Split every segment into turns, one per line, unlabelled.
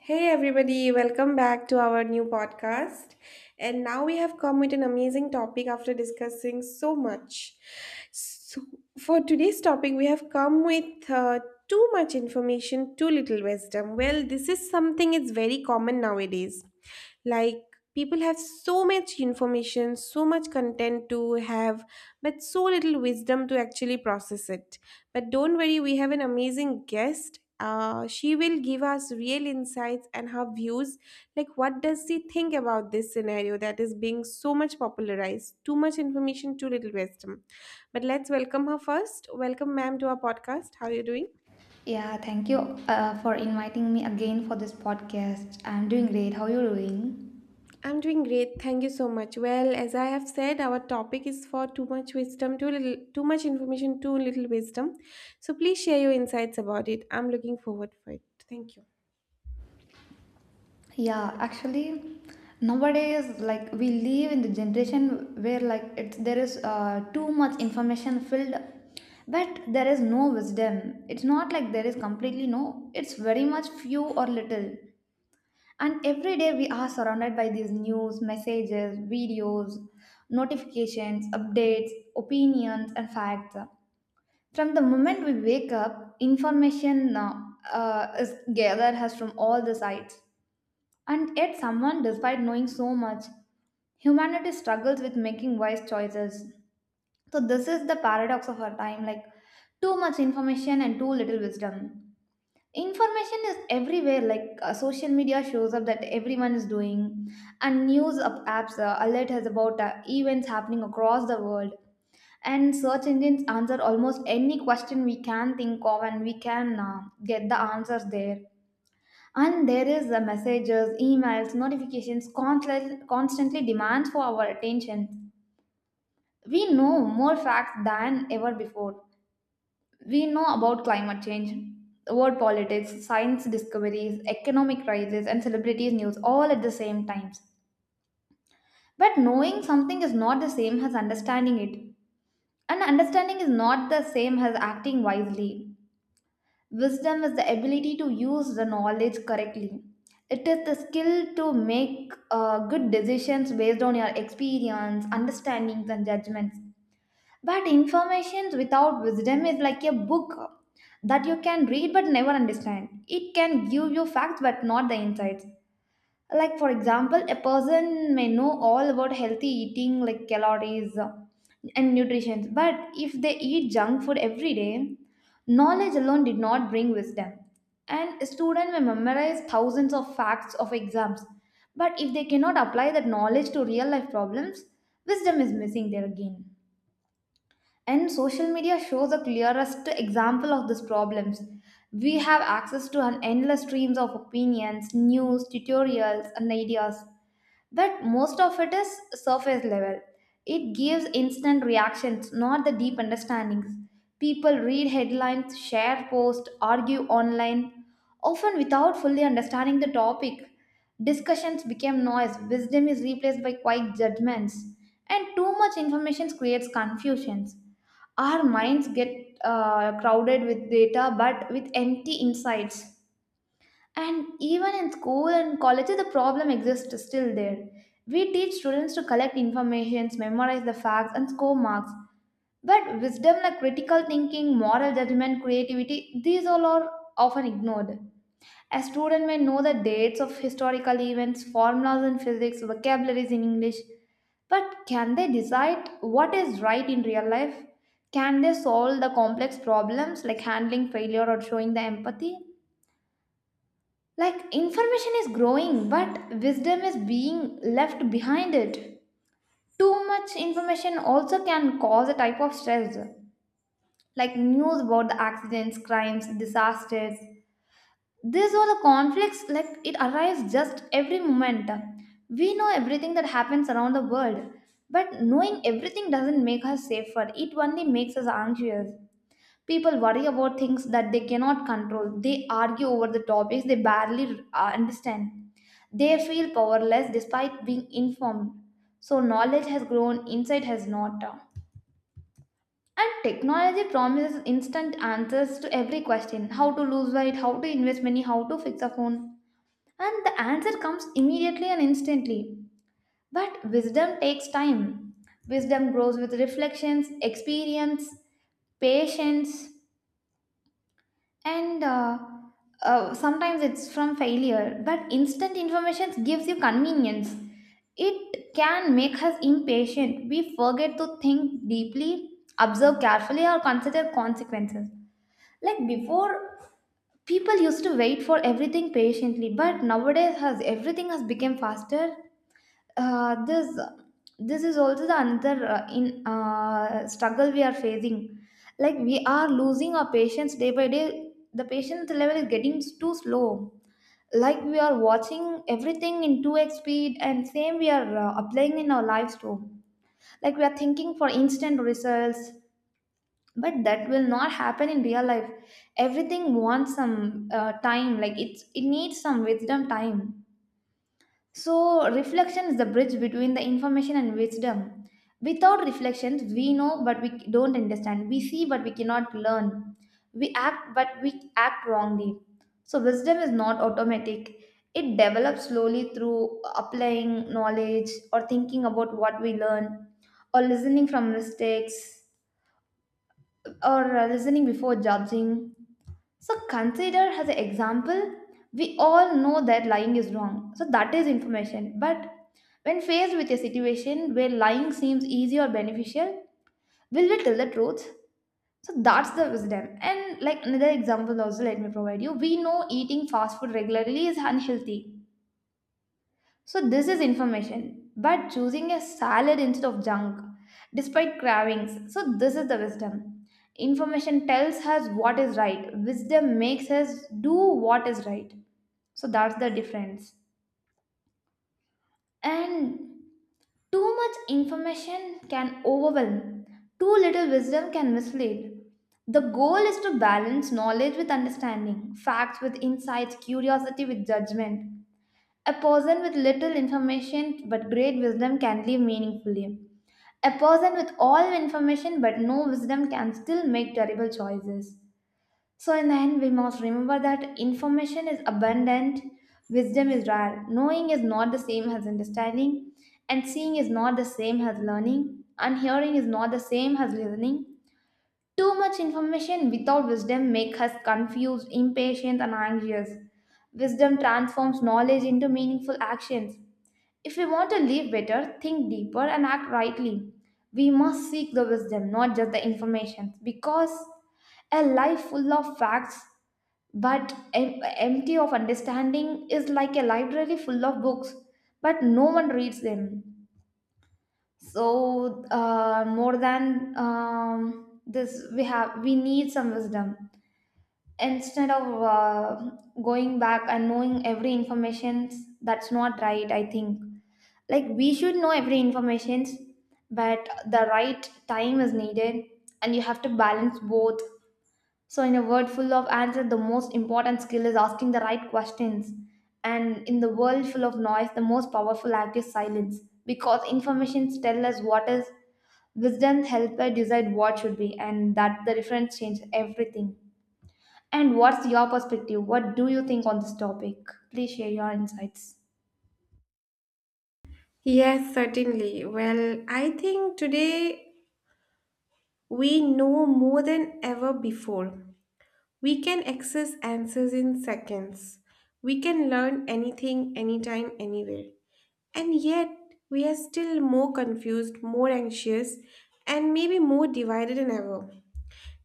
Hey everybody, welcome back to our new podcast. And now we have come with an amazing topic after discussing so much. So, for today's topic, we have come with too much information, too little wisdom. Well, this is something it's very common nowadays. Like, people have so much information, so much content to have, but so little wisdom to actually process it. But don't worry, we have an amazing guest. She will give us real insights and her views. Like, what does she think about this scenario that is being so much popularized? Too much information, too little wisdom. But let's welcome her first. Welcome, ma'am, to our podcast. How are you doing?
Yeah, thank you for inviting me again for this podcast. I'm doing great. How you doing?
I'm doing great. Thank you so much. Well, as I have said, our topic is for too much wisdom, too little, too much information, too little wisdom. So please share your insights about it. I'm looking forward for it. Thank you.
Yeah, actually, nowadays, like we live in the generation where like it's there is too much information filled, but there is no wisdom. It's not like there is completely no. It's very much few or little. And every day we are surrounded by these news, messages, videos, notifications, updates, opinions, and facts. From the moment we wake up, information is gathered us from all the sides. And yet, someone, despite knowing so much, humanity struggles with making wise choices. So, this is the paradox of our time, like, too much information and too little wisdom. Information is everywhere, like social media shows up that everyone is doing, and apps alert us about events happening across the world, and search engines answer almost any question we can think of, and we can get the answers there, and there is the messages, emails, notifications, constantly demands for our attention. We know more facts than ever before. We know about climate change, world politics, science discoveries, economic crisis, and celebrities' news all at the same times. But knowing something is not the same as understanding it. And understanding is not the same as acting wisely. Wisdom is the ability to use the knowledge correctly. It is the skill to make good decisions based on your experience, understandings, and judgments. But information without wisdom is like a book that you can read but never understand. It can give you facts but not the insights. Like, for example, a person may know all about healthy eating, like calories and nutrition, but if they eat junk food every day, knowledge alone did not bring wisdom. And a student may memorize thousands of facts of exams, but if they cannot apply that knowledge to real life problems, wisdom is missing there again. And social media shows the clearest example of these problems. We have access to an endless streams of opinions, news, tutorials, and ideas, but most of it is surface level. It gives instant reactions, not the deep understandings. People read headlines, share posts, argue online, often without fully understanding the topic. Discussions become noise, wisdom is replaced by quiet judgments, and too much information creates confusions. Our minds get crowded with data but with empty insights. And even in school and colleges the problem exists still there. We teach students to collect information, memorize the facts and score marks, but wisdom like critical thinking, moral judgment, creativity, these all are often ignored. A student may know the dates of historical events, formulas in physics, vocabularies in English, but can they decide what is right in real life? Can they solve the complex problems like handling failure or showing the empathy? Like, information is growing, but wisdom is being left behind it. Too much information also can cause a type of stress, like news about the accidents, crimes, disasters. These are the conflicts like it arrives just every moment. We know everything that happens around the world, but knowing everything doesn't make us safer. It only makes us anxious. People worry about things that they cannot control. They argue over the topics they barely understand. They feel powerless despite being informed. So knowledge has grown, insight has not. And technology promises instant answers to every question: how to lose weight, how to invest money, how to fix a phone. And the answer comes immediately and instantly. But wisdom takes time. Wisdom grows with reflections, experience, patience, and sometimes it's from failure. But instant information gives you convenience. It can make us impatient. We forget to think deeply, observe carefully, or consider consequences. Like before, people used to wait for everything patiently, but nowadays has everything has become faster. Uh, this this is also the another in struggle we are facing. Like, we are losing our patience day by day. The patience level is getting too slow, like we are watching everything in 2x speed, and same we are applying in our lives too. Like, we are thinking for instant results, but that will not happen in real life. Everything wants some time, like it needs some wisdom time. So, reflection is the bridge between the information and wisdom. Without reflections, we know but we don't understand. We see but we cannot learn. We act but we act wrongly. So, wisdom is not automatic. It develops slowly through applying knowledge, or thinking about what we learn, or listening from mistakes, or listening before judging. So consider as an example, we all know that lying is wrong. So that is information. But when faced with a situation where lying seems easy or beneficial, will we tell the truth? So that's the wisdom. And like another example also let me provide you. We know eating fast food regularly is unhealthy. So, this is information, but choosing a salad instead of junk, despite cravings. So, this is the wisdom. Information tells us what is right, wisdom makes us do what is right. So, that's the difference. And too much information can overwhelm, too little wisdom can mislead. The goal is to balance knowledge with understanding, facts with insights, curiosity with judgment. A person with little information but great wisdom can live meaningfully. A person with all information but no wisdom can still make terrible choices. So, in the end, we must remember that information is abundant, wisdom is rare, knowing is not the same as understanding, and seeing is not the same as learning, and hearing is not the same as listening. Too much information without wisdom makes us confused, impatient, and anxious. Wisdom transforms knowledge into meaningful actions. If we want to live better, think deeper, and act rightly, we must seek the wisdom, not just the information. Because a life full of facts but empty of understanding is like a library full of books, but no one reads them. So, more than this, we need some wisdom instead of going back and knowing every information. That's not right, I think. Like, we should know every information, but the right time is needed, and you have to balance both. So in a world full of answers, the most important skill is asking the right questions, and in the world full of noise the most powerful act is silence, because informations tell us what is, wisdom help us decide what should be, and that the difference changes everything. And what's your perspective? What do you think on this topic? Please share your insights.
Yes, certainly. Well, I think today we know more than ever before. We can access answers in seconds. We can learn anything, anytime, anywhere. And yet, we are still more confused, more anxious, and maybe more divided than ever.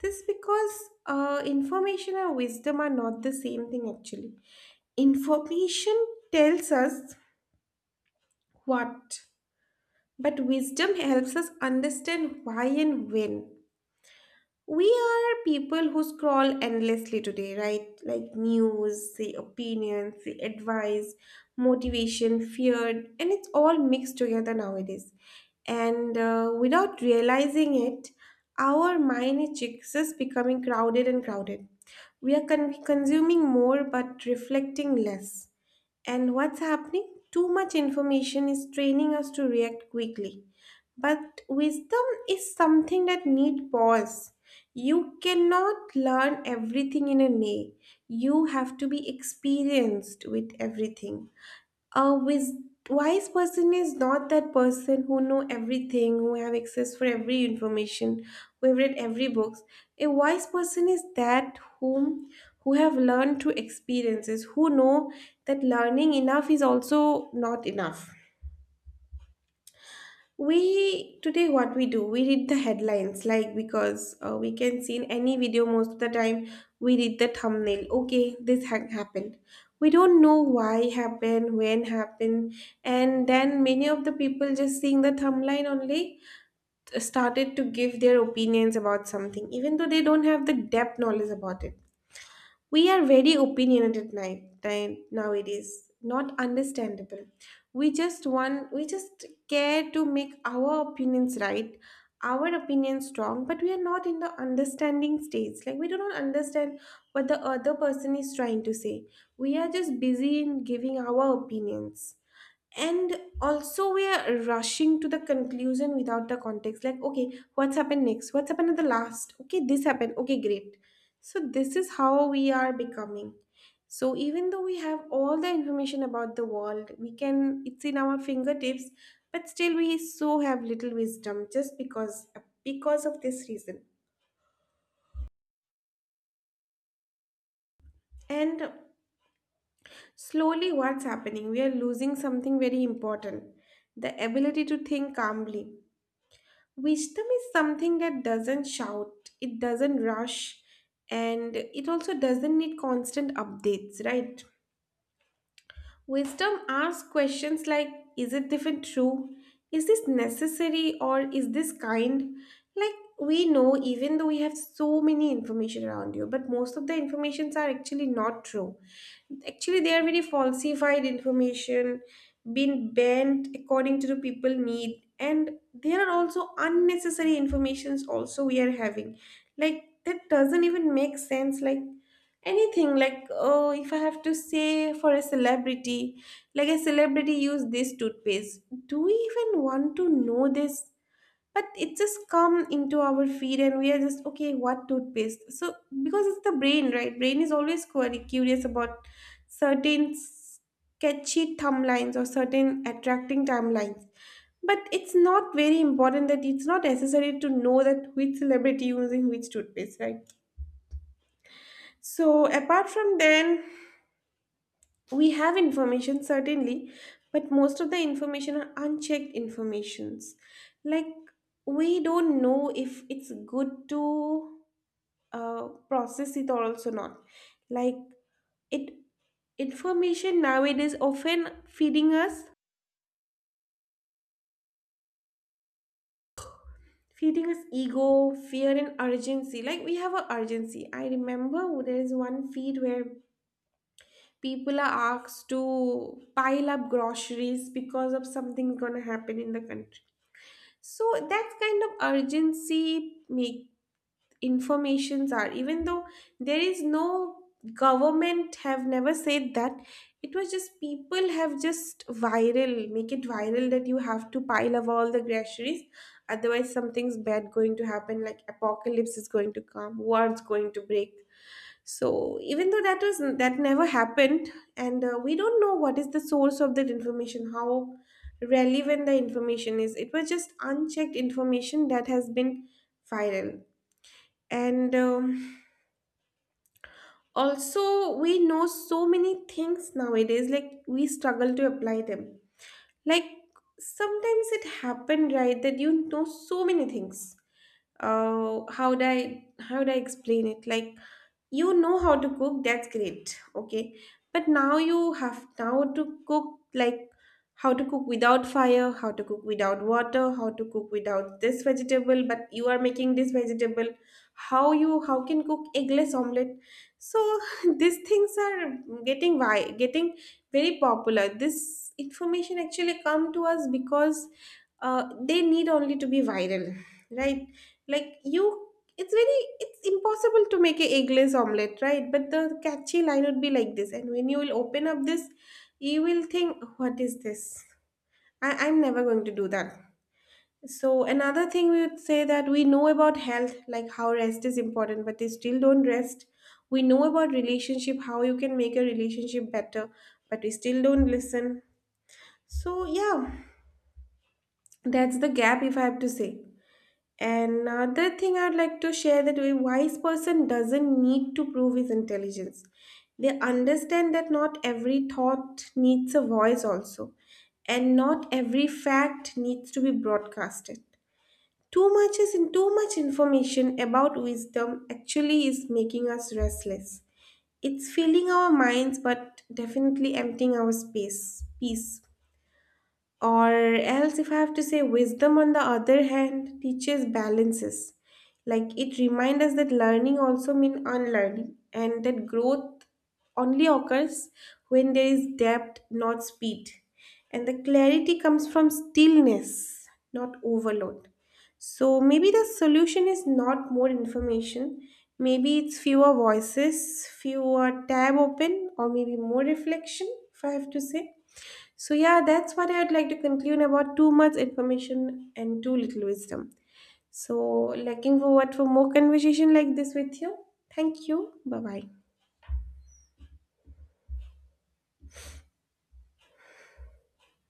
This because information and wisdom are not the same thing actually. Information tells us what, but wisdom helps us understand why and when. We are people who scroll endlessly today, right? Like news, the opinions, the advice, motivation, fear, and it's all mixed together nowadays. And without realizing it, our mind is just becoming crowded and crowded. We are consuming more but reflecting less. And what's happening? Too much information is training us to react quickly. But wisdom is something that need pause. You cannot learn everything in a day. You have to be experienced with everything. A wise person is not that person who know everything, who have access for every information, who have read every books. A wise person is that whom, who have learned through experiences, who know that learning enough is also not enough. We today what we do, we read the headlines, like because we can see in any video most of the time, we read the thumbnail. Okay, this happened. We don't know why happened, when happened, and then many of the people just seeing the thumbnail only started to give their opinions about something, even though they don't have the depth knowledge about it. We are very opinionated night time nowadays. Not understandable. We just care to make our opinions right, our opinions strong, but we are not in the understanding stage. Like, we do not understand what the other person is trying to say. We are just busy in giving our opinions. And also we are rushing to the conclusion without the context, like okay, what's happened next, what's happened at the last, okay, this happened, okay, great. So this is how we are becoming. So even though we have all the information about the world, we can, it's in our fingertips, but still we so have little wisdom just because of this reason. And slowly what's happening, we are losing something very important: the ability to think calmly. Wisdom is something that doesn't shout, it doesn't rush, and it also doesn't need constant updates, right? Wisdom asks questions like, is it even true? Is this necessary or is this kind? Like, we know, even though we have so many information around you, but most of the informations are actually not true. Actually there are very falsified information being bent according to the people need, and there are also unnecessary informations also we are having. Like that doesn't even make sense, like anything, like oh, if I have to say for a celebrity, like a celebrity used this toothpaste, do we even want to know this? But it just come into our feed and we are just okay, what toothpaste. So because it's the brain, right? Brain is always quite curious about certain sketchy timelines or certain attracting timelines, but it's not very important, that it's not necessary to know that which celebrity using which toothpaste, right? So apart from then, we have information certainly, but most of the information are unchecked informations. Like, we don't know if it's good to uh, process it or also not. Like, it, information nowadays often feeding us ego, fear and urgency. Like we have a urgency. I remember there is one feed where people are asked to pile up groceries because of something gonna happen in the country. So that kind of urgency make informations, are, even though there is no, government have never said that, it was just people have just viral, make it viral, that you have to pile up all the groceries, otherwise something's bad going to happen, like apocalypse is going to come, war's going to break. So even though that was, that never happened. And we don't know what is the source of that information, how relevant the information is. It was just unchecked information that has been viral. And also we know so many things nowadays, like we struggle to apply them. Like, sometimes it happened, right, that you know so many things, how do I explain it. Like, you know how to cook, that's great, okay, but now you have now to cook, like how to cook without fire, how to cook without water, how to cook without this vegetable but you are making this vegetable, how you how can cook eggless omelet. So these things are getting, why getting very popular? This information actually come to us because they need only to be viral, right? Like, you, it's very, it's impossible to make a eggless omelette, right? But the catchy line would be like this, and when you will open up this, you will think, what is this? I'm never going to do that. So another thing we would say that we know about health, like how rest is important, but they still don't rest. We know about relationship, how you can make a relationship better, but we still don't listen. So yeah, that's the gap if I have to say. Another thing I'd like to share that a wise person doesn't need to prove his intelligence. They understand that not every thought needs a voice, also, and not every fact needs to be broadcasted. Too much is in too much information about wisdom actually is making us restless. It's filling our minds, but definitely emptying our space, peace. Or else if I have to say, wisdom on the other hand teaches balances. Like it reminds us that learning also means unlearning, and that growth only occurs when there is depth not speed, and the clarity comes from stillness not overload. So maybe the solution is not more information, maybe it's fewer voices, fewer tab open, or maybe more reflection, if I have to say. So yeah, that's what I'd like to conclude about too much information and too little wisdom. So looking forward for more conversation like this with you. Thank you. Bye bye.